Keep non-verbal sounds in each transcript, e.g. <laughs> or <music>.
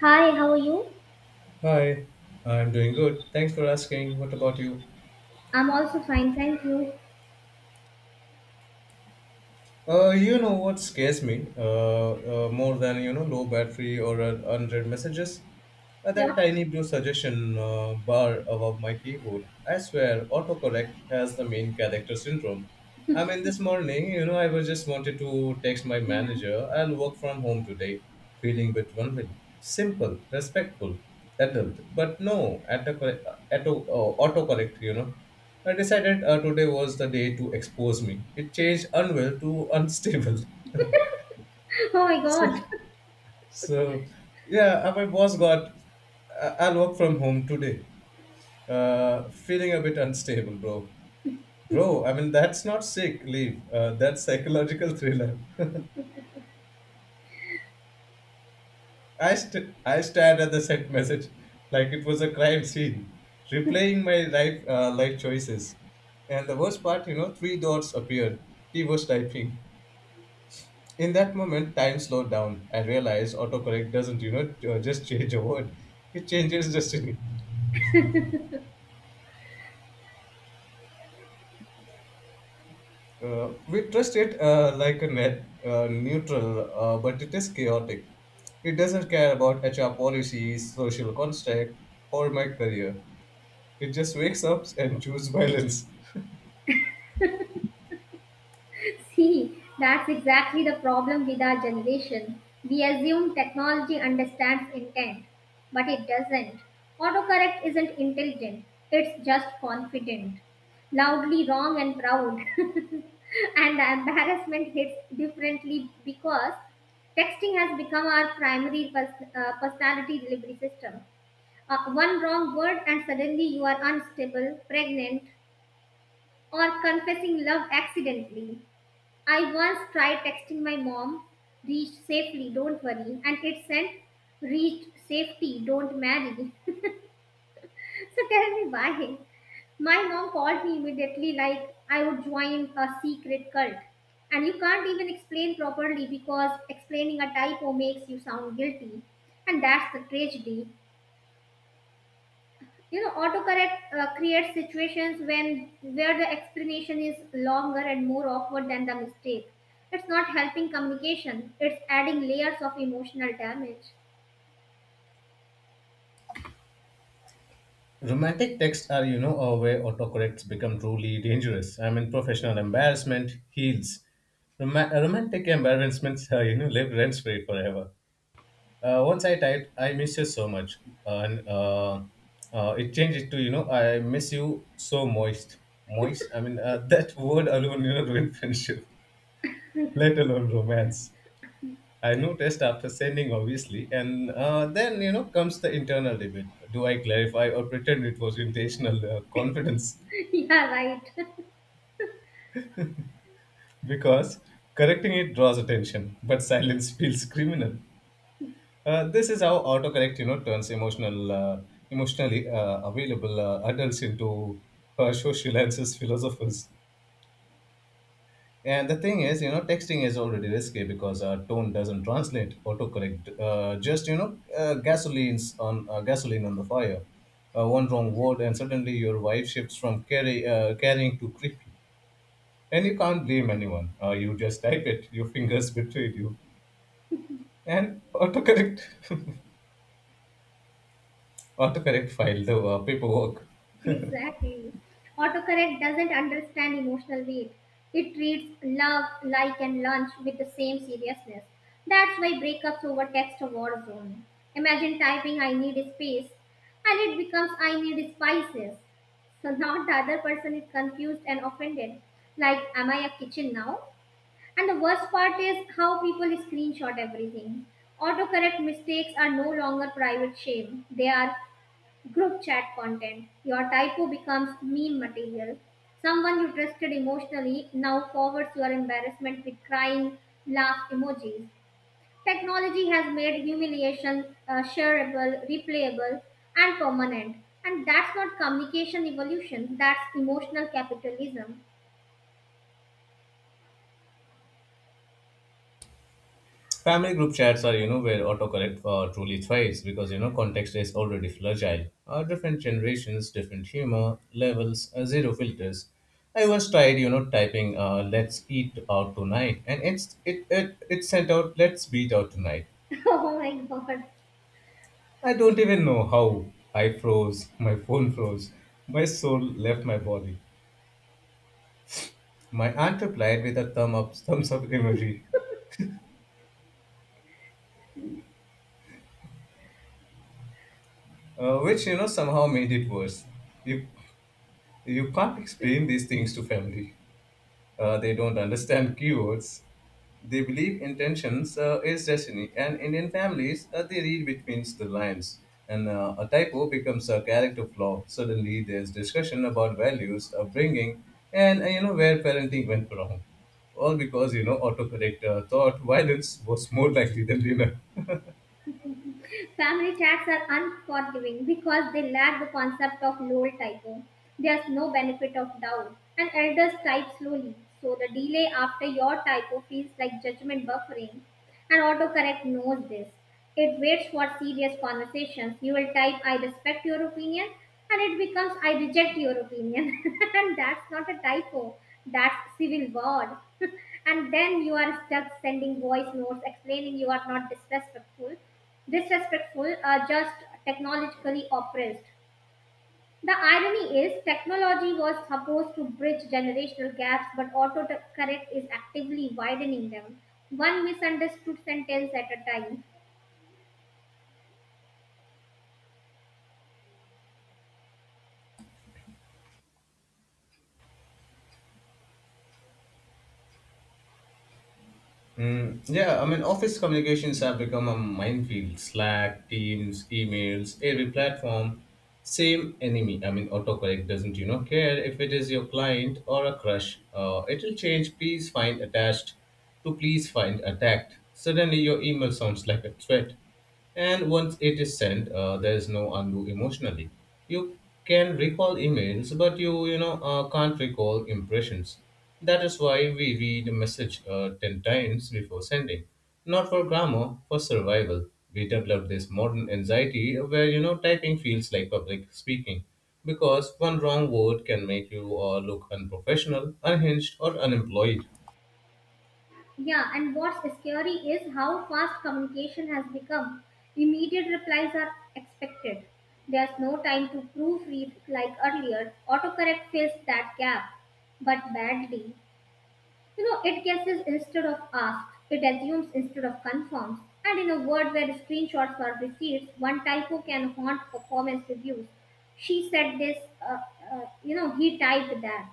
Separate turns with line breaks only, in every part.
Hi, how are you?
Hi, I'm doing good. Thanks for asking. What about you?
I'm also fine, thank you.
You know what scares me more than low battery or unread messages?
What?
That tiny blue suggestion bar above my keyboard. I swear, autocorrect has the main character syndrome. I mean, this morning, I was just wanted to text my
Yeah.
manager. I'll work from home today, feeling bit vulnerable. Simple, respectful, adult. But no, autocorrect, autocorrect, I decided today was the day to expose me. It changed unwell to unstable. <laughs>
Oh my
so,
god.
so, yeah, my boss got, I'll work from home today. Feeling a bit unstable, bro. Bro, I mean, that's not sick leave. That's psychological thriller. <laughs> I stared at the sent message like it was a crime scene, replaying my life choices. And the worst part, you know, three dots appeared. He was typing. In that moment, time slowed down. I realized autocorrect doesn't just change a word, it changes destiny. Uh, we trust it like a net neutral, but it is chaotic. It doesn't care about HR policies, social construct, or my career. It just wakes up and chooses violence.
<laughs> See, that's exactly the problem with our generation. We assume technology understands intent, but it doesn't. Autocorrect isn't intelligent, it's just confident. Loudly wrong and proud. <laughs> And the embarrassment hits differently because texting has become our primary personality delivery system. One wrong word, and suddenly you are unstable, pregnant, or confessing love accidentally. I once tried texting my mom, reached safely, don't worry, and it sent reached safety, don't marry. <laughs> So tell me why. My mom called me immediately like I would join a secret cult. And you can't even explain properly because explaining a typo makes you sound guilty. And that's the tragedy. You know, autocorrect creates situations when where the explanation is longer and more awkward than the mistake. It's not helping communication, it's adding layers of emotional damage.
Romantic texts are, you know, a way autocorrects become truly dangerous. I mean, professional embarrassment heals. Romantic embarrassments <laughs> live rent free forever. Uh, once I typed, I miss you so much, and it changed it to I miss you so moist, moist. I mean <laughs> that word alone, you know, ruined friendship, let alone romance. I noticed after sending obviously, and then, you know, comes the internal debate: Do I clarify or pretend it was intentional confidence?
<laughs> Yeah, right.
<laughs> Because correcting it draws attention, but silence feels criminal. This is how autocorrect, you know, turns emotionally available adults into social answers philosophers. And the thing is, you know, texting is already risky because tone doesn't translate autocorrect. Just, you know, gasoline on the fire. One wrong word, and suddenly your wife shifts from carrying to creepy. And you can't blame anyone. You just type it. Your fingers betrayed you. And autocorrect, <laughs> autocorrect filed the paperwork.
Exactly. Autocorrect doesn't understand emotional weight. It treats love, like, and lunch with the same seriousness. That's why breakups over text are war zone. Imagine typing I need space and it becomes I need spices. So now the other person is confused and offended. Like, am I a kitchen now? And the worst part is how people screenshot everything. Autocorrect mistakes are no longer private shame. They are group chat content. Your typo becomes meme material. Someone you trusted emotionally now forwards your embarrassment with crying, laugh emojis. Technology has made humiliation shareable, replayable, and permanent. And that's not communication evolution, that's emotional capitalism.
Family group chats are, you know, where autocorrect truly thrives because, you know, context is already fragile. Different generations, different humor levels, zero filters. I once tried, you know, typing "Let's eat out tonight" and it's it it it sent out "Let's beat out tonight."
<laughs> Oh my god.
I don't even know how I froze. <laughs> My phone froze. My soul left my body. My aunt replied with a thumb up, <laughs> thumbs up emoji, which, you know, somehow made it worse. You You can't explain these things to family. They don't understand keywords. They believe intentions is destiny, and Indian families they read between the lines. And a typo becomes a character flaw. Suddenly, there's discussion about values, upbringing, and, where parenting went wrong. All because, you know, autocorrect thought violence was more likely than dinner.
Family chats are unforgiving because they lack the concept of lol typo. There's no benefit of doubt, and elders type slowly, so the delay after your typo feels like judgment buffering. And autocorrect knows this. It waits for serious conversations. You will type, I respect your opinion, and it becomes, I reject your opinion. <laughs> And that's not a typo, that's civil war. <laughs> And then you are stuck sending voice notes explaining you are not disrespectful, just technologically oppressed. The irony is technology was supposed to bridge generational gaps, but autocorrect is actively widening them, one misunderstood sentence at a time.
Mm, yeah, I mean, office communications have become a minefield. Slack, Teams, emails, every platform, same enemy. I mean, autocorrect doesn't, you know, care if it is your client or a crush. It'll change please find attached to please find attacked. Suddenly, your email sounds like a threat. And once it is sent, there is no undo emotionally. You can recall emails, but you know can't recall impressions. That is why we read a message ten times before sending, not for grammar, for survival. We develop this modern anxiety where, you know, typing feels like public speaking, because one wrong word can make you look unprofessional, unhinged, or unemployed.
Yeah, and what's scary is how fast communication has become. Immediate replies are expected. There's no time to proofread like earlier. Autocorrect fills that gap, but badly. You know, it guesses instead of asks, it assumes instead of confirms. And in a world where screenshots are receipts, one typo can haunt performance reviews. She said this, uh, you know, he typed that.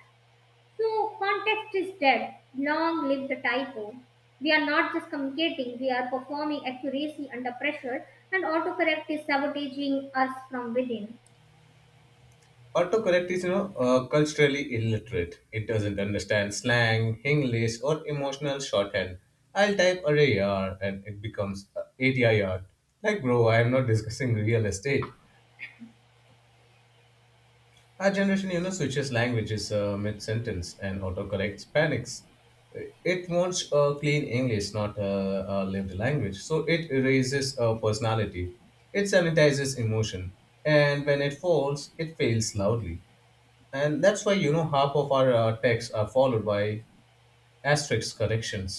No, context is dead. Long live the typo. We are not just communicating, we are performing accuracy under pressure, and autocorrect is sabotaging us from within.
Autocorrect is, you know, culturally illiterate. It doesn't understand slang, English, or emotional shorthand. I'll type array ADIR and it becomes ADIR. Like, bro, I am not discussing real estate. Our generation, you know, switches languages mid-sentence and autocorrects panics. It wants a clean English, not a lived language. So it erases a personality. It sanitizes emotion. And when it falls, it fails loudly. And that's why, you know, half of our texts are followed by asterisk corrections.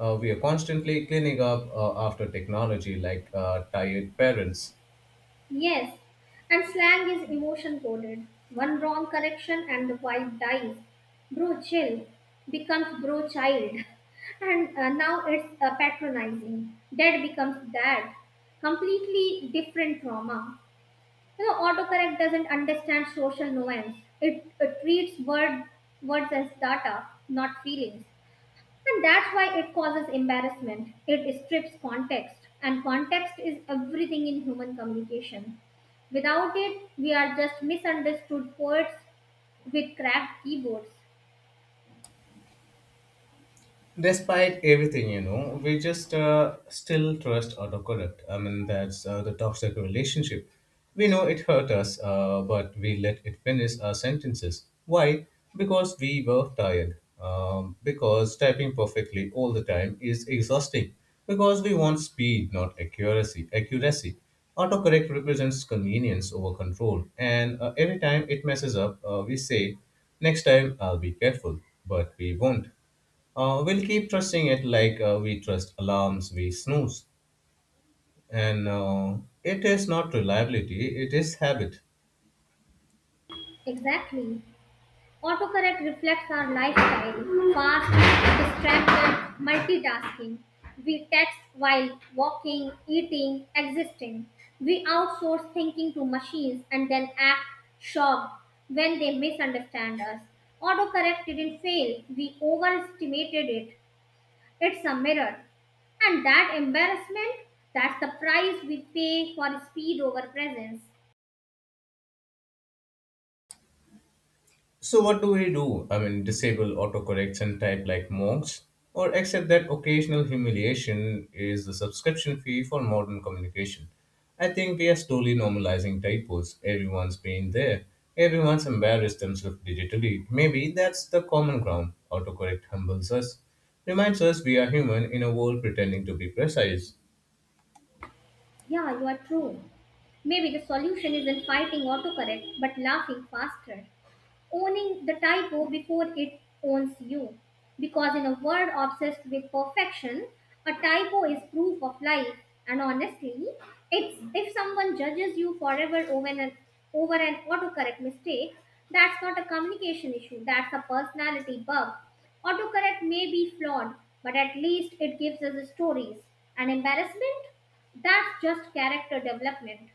Uh, we are constantly cleaning up after technology like tired parents.
Yes, and slang is emotion coded. One wrong correction and the vibe dies. Bro chill becomes bro child, <laughs> and now it's patronizing. Dad becomes dad. Completely different trauma. You know, autocorrect doesn't understand social nuance. It treats words as data, not feelings. And that's why it causes embarrassment. It strips context. And context is everything in human communication. Without it, we are just misunderstood poets with cracked keyboards.
Despite everything, you know, we just still trust autocorrect. I mean, that's the toxic relationship. We know it hurt us, but we let it finish our sentences. Why? Because we were tired, because typing perfectly all the time is exhausting, because we want speed, not accuracy. Autocorrect represents convenience over control, and every time it messes up, we say next time I'll be careful, but we won't. Uh, we'll keep trusting it like we trust alarms we snooze. And it is not reliability, it is habit.
Exactly. Autocorrect reflects our lifestyle fast, distracted, multitasking. We text while walking, eating, existing. We outsource thinking to machines and then act shocked when they misunderstand us. Autocorrect didn't fail, we overestimated it. It's a mirror. And that embarrassment, that's the price we pay for speed over presence.
So what do we do? I mean, disable autocorrects and type like monks, or accept that occasional humiliation is the subscription fee for modern communication. I think we are slowly normalizing typos. Everyone's been there. Everyone's embarrassed themselves digitally. Maybe that's the common ground. Autocorrect humbles us, reminds us we are human in a world pretending to be precise.
Yeah, you are true. Maybe the solution isn't fighting autocorrect but laughing faster, owning the typo before it owns you. Because in a world obsessed with perfection, a typo is proof of life. And honestly, it's if someone judges you forever over over an autocorrect mistake, that's not a communication issue, that's a personality bug. Autocorrect may be flawed, but at least it gives us stories. And embarrassment? That's just character development.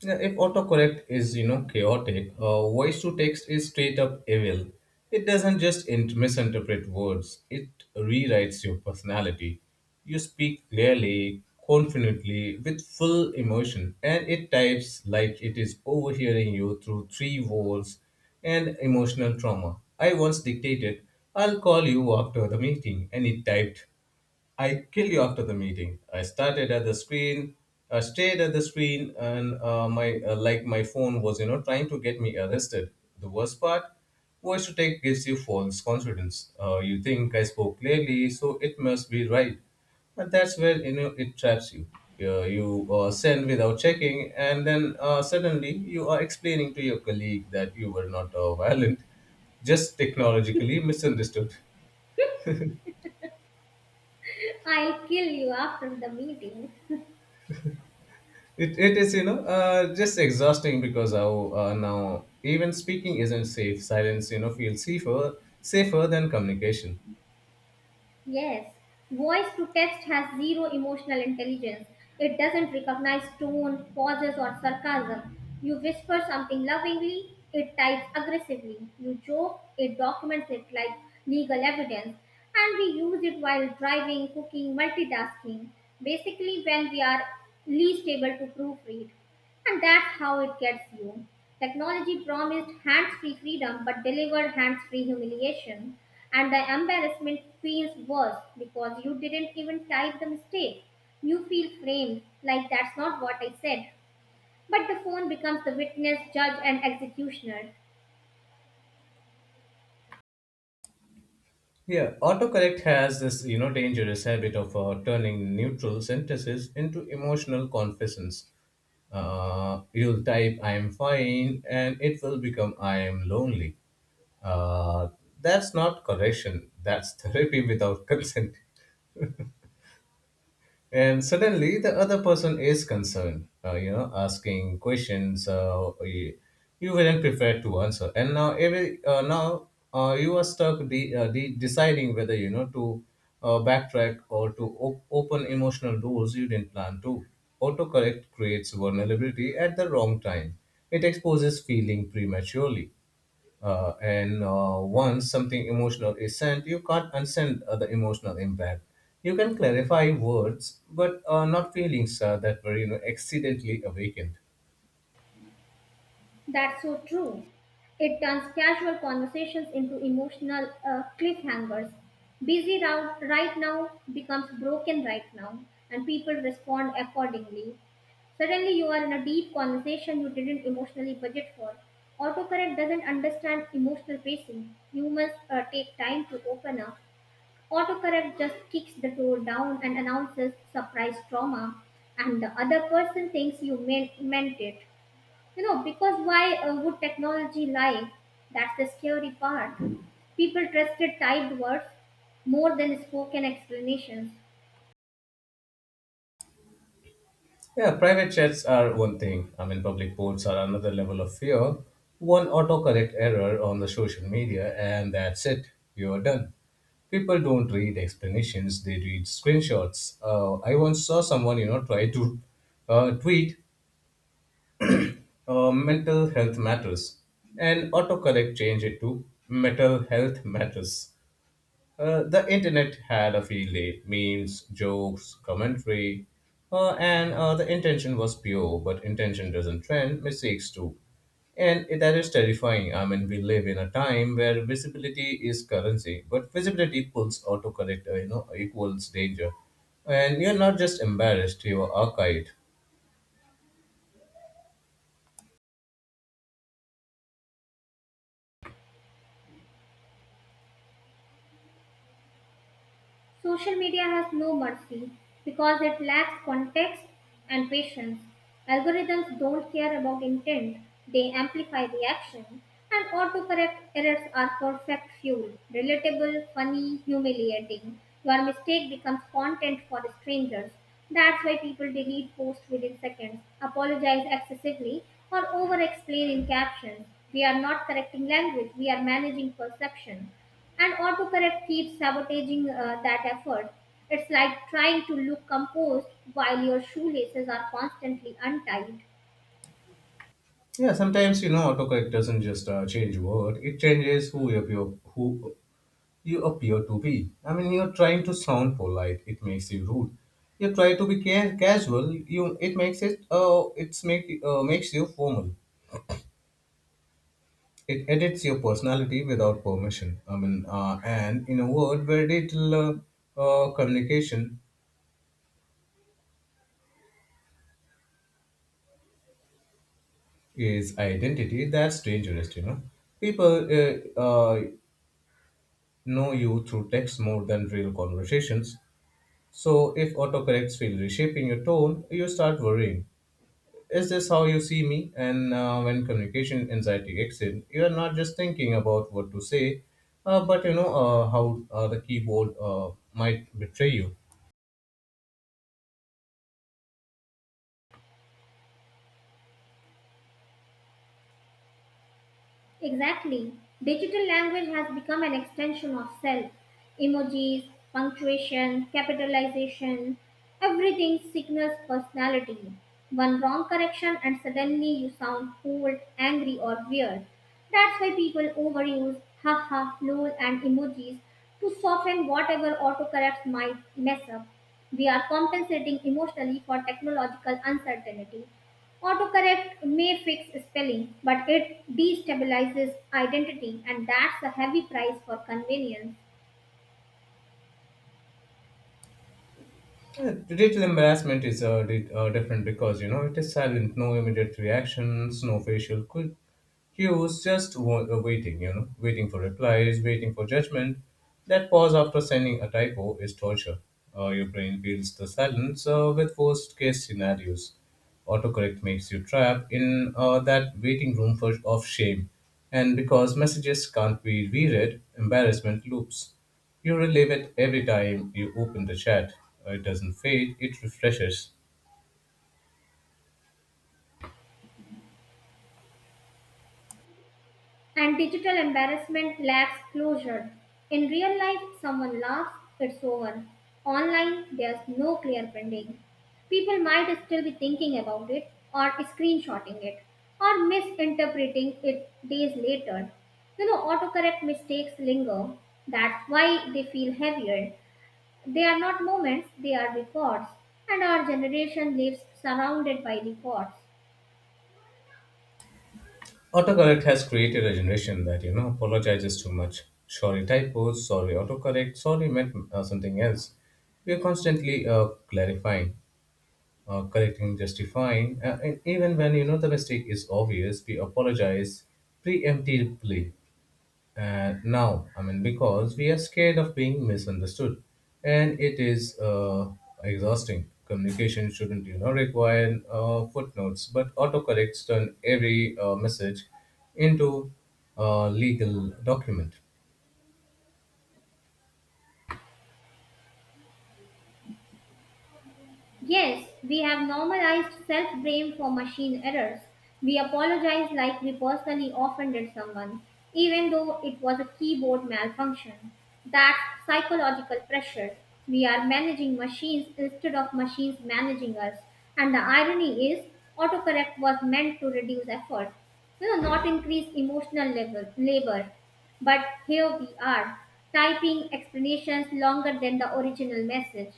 Yeah, if autocorrect is, you know, chaotic, voice to text is straight up evil. It doesn't just misinterpret words, it rewrites your personality. You speak clearly, confidently, with full emotion, and it types like it is overhearing you through three walls and emotional trauma. I once dictated, I'll call you after the meeting, and it typed, I kill you after the meeting. I started at the screen, I stayed at the screen, and my like my phone was, you know, trying to get me arrested. The worst part, voice to take gives you false confidence. You think I spoke clearly, so it must be right. But that's where, you know, it traps you. You send without checking, and then suddenly you are explaining to your colleague that you were not violent, just technologically misunderstood.
I'll kill you after the meeting.
It is, you know, just exhausting because how, now even speaking isn't safe. Silence, you know, feels safer, safer than communication.
Yes, voice to text has zero emotional intelligence. It doesn't recognize tone, pauses, or sarcasm. You whisper something lovingly, it types aggressively. You joke, it documents it like legal evidence. And we use it while driving, cooking, multitasking. Basically, when we are least able to proofread. And that's how it gets you. Technology promised hands free freedom but delivered hands free humiliation. And the embarrassment feels worse because you didn't even type the mistake. You feel framed, like that's not what I said. But the phone becomes the witness, judge, and executioner.
Yeah, autocorrect has this, you know, dangerous habit of turning neutral sentences into emotional confessions. You'll type "I am fine" and it will become "I am lonely." Uh, that's not correction. That's <laughs> therapy without consent. And suddenly the other person is concerned, asking questions, you weren't prepared to answer, and now every now you are stuck deciding whether, you know, to backtrack or to open emotional doors you didn't plan to. Autocorrect creates vulnerability at the wrong time. It exposes feeling prematurely, and once something emotional is sent, you can't unsend the emotional impact. You can clarify words, but not feelings that were, you know, accidentally awakened.
That's so true. It turns casual conversations into emotional cliffhangers. Busy round right now becomes broken right now, and people respond accordingly. Suddenly, you are in a deep conversation you didn't emotionally budget for. Autocorrect doesn't understand emotional pacing. Humans take time to open up. Autocorrect just kicks the door down and announces surprise trauma, and the other person thinks you meant it. You know, because why would technology lie? That's the scary part. People trusted typed words more than spoken explanations.
Yeah, private chats are one thing. I mean, public posts are another level of fear. One autocorrect error on the social media, and that's it. You're done. People don't read explanations; they read screenshots. I once saw someone, you know, try to tweet mental health matters, and autocorrect changed it to mental health matters. Uh, the internet had a field day, memes, jokes, commentary. And the intention was pure, but intention doesn't trend, mistakes do. And that is terrifying. I mean, we live in a time where visibility is currency, but visibility pulls autocorrect, equals danger. And you're not just embarrassed, you're archived.
Social media has no mercy because it lacks context and patience. Algorithms don't care about intent, they amplify reaction, and autocorrect errors are perfect fuel relatable, funny, humiliating. Your mistake becomes content for strangers. That's why people delete posts within seconds, apologize excessively, or over explain in captions. We are not correcting language, we are managing perception. And autocorrect keeps sabotaging that effort. It's like trying to look composed while your shoelaces are constantly untied.
Yeah, sometimes, you know, autocorrect doesn't just change word; it changes who you appear to be. I mean, you're trying to sound polite; it makes you rude. You try to be casual; you it makes it it's make makes you formal. It edits your personality without permission. I mean, and in a world where digital communication is identity, that's dangerous. You know, people know you through text more than real conversations. So, if autocorrects feel reshaping your tone, you start worrying. Is this how you see me? And when communication anxiety kicks in, you are not just thinking about what to say, but, you know, how the keyboard might betray you.
Exactly. Digital language has become an extension of self. Emojis, punctuation, capitalization, everything signals personality. One wrong correction and suddenly you sound cold, angry, or weird. That's why people overuse haha, lol, and emojis to soften whatever autocorrects might mess up. We are compensating emotionally for technological uncertainty. Autocorrect may fix spelling, but it destabilizes identity, and that's a heavy price for convenience.
Yeah, digital embarrassment is different because, you know, it is silent, no immediate reactions, no facial cues, just waiting. You know, waiting for replies, waiting for judgment. That pause after sending a typo is torture. Your brain fills the silence with worst case scenarios. Autocorrect makes you trapped in that waiting room of shame. And because messages can't be reread, embarrassment loops. You relive it every time you open the chat. It doesn't fade, it refreshes.
And digital embarrassment lacks closure. In real life, someone laughs, it's over. Online, there's no clear branding. People might still be thinking about it, or screenshotting it, or misinterpreting it days later. You know, autocorrect mistakes linger. That's why they feel heavier. They are not moments, they are records, and our generation lives surrounded by records.
Autocorrect has created a generation that, you know, apologizes too much. Sorry typos, sorry autocorrect, sorry meant something else. We are constantly clarifying. Correcting, justifying, and even when the mistake is obvious, we apologize preemptively. Now, I mean, because we are scared of being misunderstood, and it is exhausting. Communication shouldn't, you know, require footnotes, but autocorrects turn every message into a legal document.
Yes, we have normalized self blame for machine errors. We apologize like we personally offended someone, even though it was a keyboard malfunction. That's psychological pressure. We are managing machines instead of machines managing us. And the irony is, autocorrect was meant to reduce effort, you know, not increase emotional level, labor. But here we are, typing explanations longer than the original message.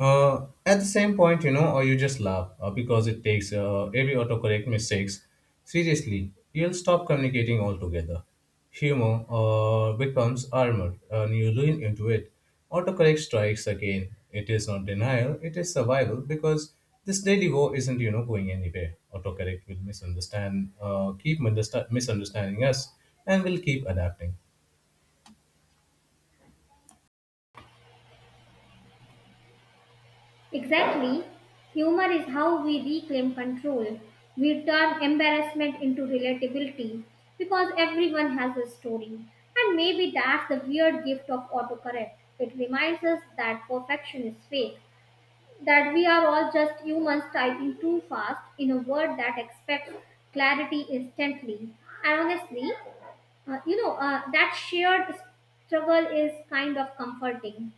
At the same point, or you just laugh because it takes every autocorrect mistakes seriously, you'll stop communicating altogether. Humor becomes armor, and you lean into it. Autocorrect strikes again. It is not denial, it is survival, because this daily war isn't, going anywhere. Autocorrect will misunderstand, misunderstanding us, and will keep adapting.
Exactly. Humor is how we reclaim control. We turn embarrassment into relatability because everyone has a story. And maybe that's the weird gift of autocorrect. It reminds us that perfection is fake, that we are all just humans typing too fast in a world that expects clarity instantly. And honestly, that shared struggle is kind of comforting.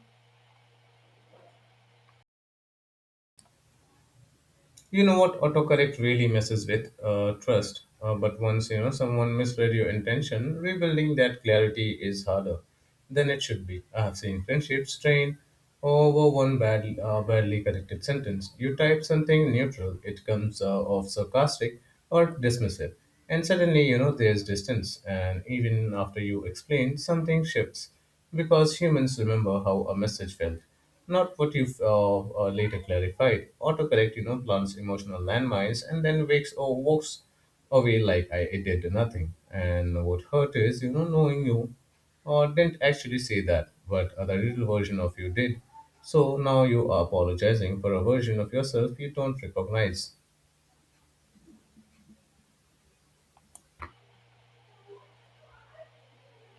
You know what autocorrect really messes with? Trust. But once someone misread your intention, rebuilding that clarity is harder than it should be. I have seen friendships strain over one badly corrected sentence. You type something neutral, it comes off sarcastic or dismissive, and suddenly there's distance. And even after you explain, something shifts because humans remember how a message felt. Not what you've later clarified. Autocorrect, you know, plants emotional landmines and then wakes or walks away like I it did nothing. And what hurt is, knowing you didn't actually say that, but the real version of you did. So now you are apologizing for a version of yourself you don't recognize.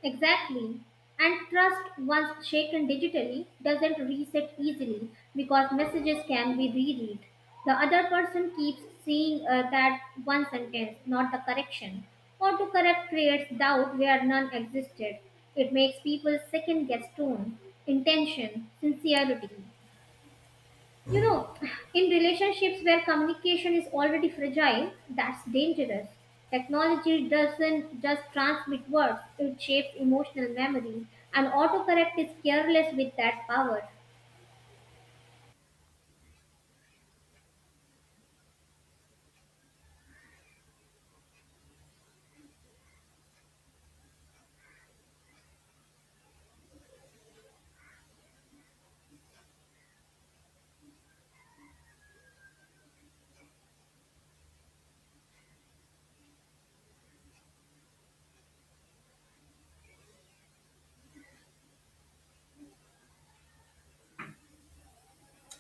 Exactly. And trust, once shaken digitally, doesn't reset easily because messages can be reread. The other person keeps seeing that one sentence, not the correction. Or to correct creates doubt where none existed. It makes people second guess tone, intention, sincerity. You know, in relationships where communication is already fragile, that's dangerous. Technology doesn't just transmit words, it shapes emotional memory, and autocorrect is careless with that power.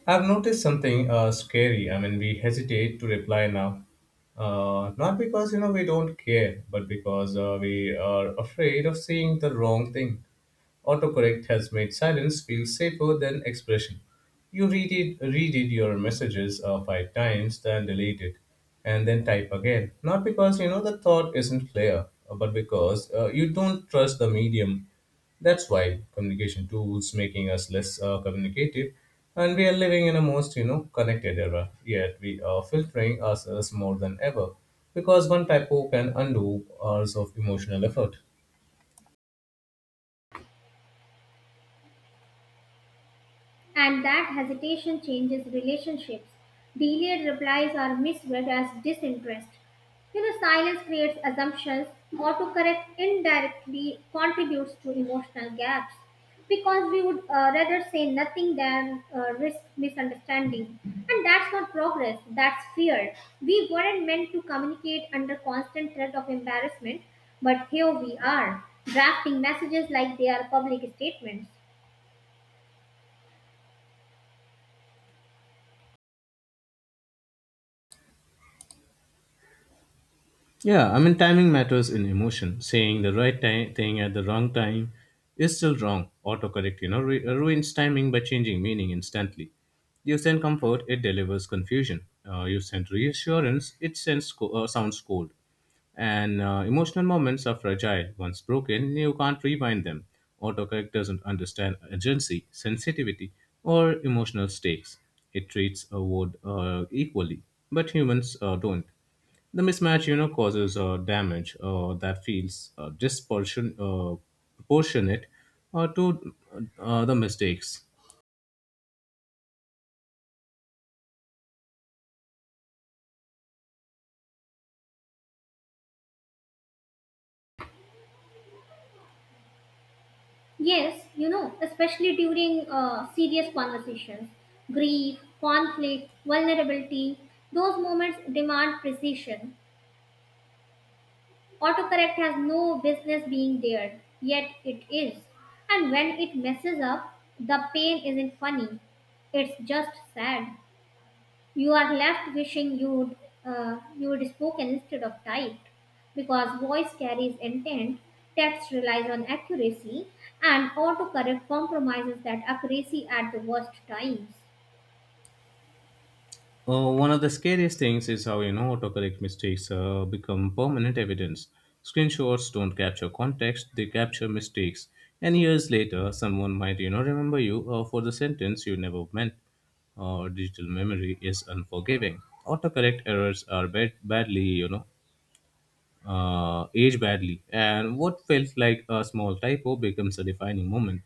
I've noticed something scary. I mean, we hesitate to reply now, not because we don't care, but because we are afraid of saying the wrong thing. Autocorrect has made silence feel safer than expression. You read it your messages 5 times, then delete it, and then type again. Not because the thought isn't clear, but because you don't trust the medium. That's why communication tools making us less communicative, and we are living in a most, connected era. Yet we are filtering ourselves more than ever, because one typo can undo hours of emotional effort.
And that hesitation changes relationships. Delayed replies are misread as disinterest. You know, silence creates assumptions. Autocorrect indirectly contributes to emotional gaps because we would rather say nothing than risk misunderstanding. And that's not progress, that's fear. We weren't meant to communicate under constant threat of embarrassment, but here we are, drafting messages like they are public statements.
Yeah, I mean, timing matters in emotion. Saying the right thing at the wrong time is still wrong. Autocorrect, you know, ruins timing by changing meaning instantly. You send comfort, it delivers confusion. You send reassurance, it sends sounds cold. And emotional moments are fragile. Once broken, you can't rewind them. Autocorrect doesn't understand urgency, sensitivity, or emotional stakes. It treats a word equally, but humans don't. The mismatch, you know, causes damage that feels proportionate to the mistakes.
Yes, you know, especially during serious conversations, grief, conflict, vulnerability, those moments demand precision. Autocorrect has no business being there, yet it is. And when it messes up, the pain isn't funny, it's just sad. You are left wishing you'd spoken instead of typed, because voice carries intent, text relies on accuracy, and autocorrect compromises that accuracy at the worst times.
One of the scariest things is how autocorrect mistakes become permanent evidence. Screenshots don't capture context; they capture mistakes. And years later, someone might, remember you for the sentence you never meant. Digital memory is unforgiving. Autocorrect errors are badly, age badly, and what felt like a small typo becomes a defining moment.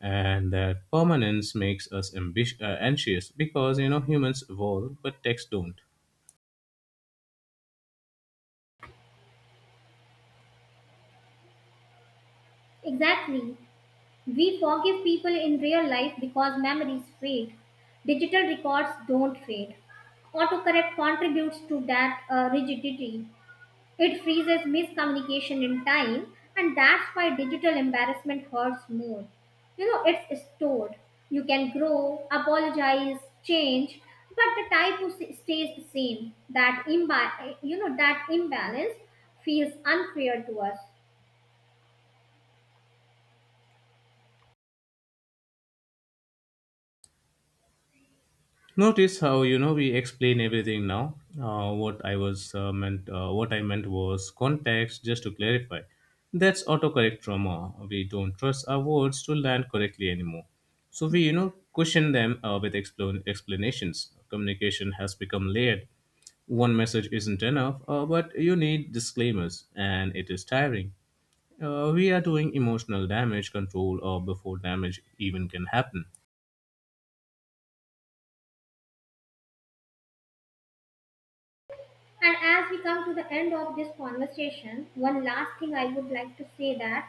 And that permanence makes us anxious because humans evolve, but texts don't.
Exactly. We forgive people in real life because memories fade. Digital records don't fade. Autocorrect contributes to that rigidity. It freezes miscommunication in time, and that's why digital embarrassment hurts more. You know, it's stored. You can grow, apologize, change, but the type who stays the same. That that imbalance feels unfair to us.
Notice how we explain everything now. What I meant was context. Just to clarify, that's autocorrect trauma. We don't trust our words to land correctly anymore, so we, cushion them with explanations. Communication has become layered. One message isn't enough, but you need disclaimers, and it is tiring. We are doing emotional damage control before damage even can happen.
And as we come to the end of this conversation, one last thing I would like to say that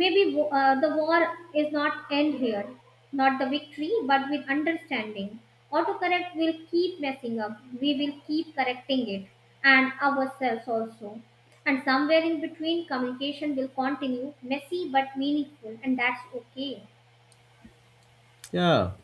maybe the war is not end here, not the victory but with understanding. Autocorrect will keep messing up, we will keep correcting it, and ourselves also. And somewhere in between, communication will continue messy but meaningful, and that's okay.
Yeah,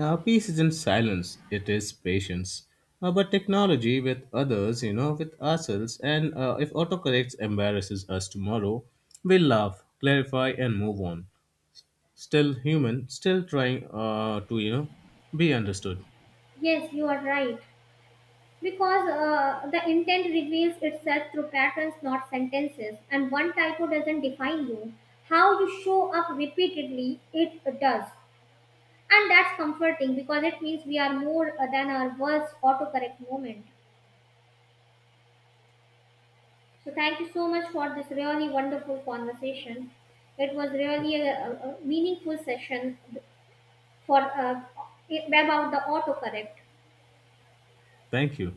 peace isn't silence, it is patience. But technology with others, you know, with ourselves, and if autocorrects embarrasses us tomorrow, we'll laugh, clarify, and move on. Still human, still trying to, you know, be understood.
Yes, you are right. Because the intent reveals itself through patterns, not sentences, and one typo doesn't define you. How you show up repeatedly, it does. And that's comforting because it means we are more than our worst autocorrect moment. So, thank you so much for this really wonderful conversation. It was really a a meaningful session for about the autocorrect.
Thank you.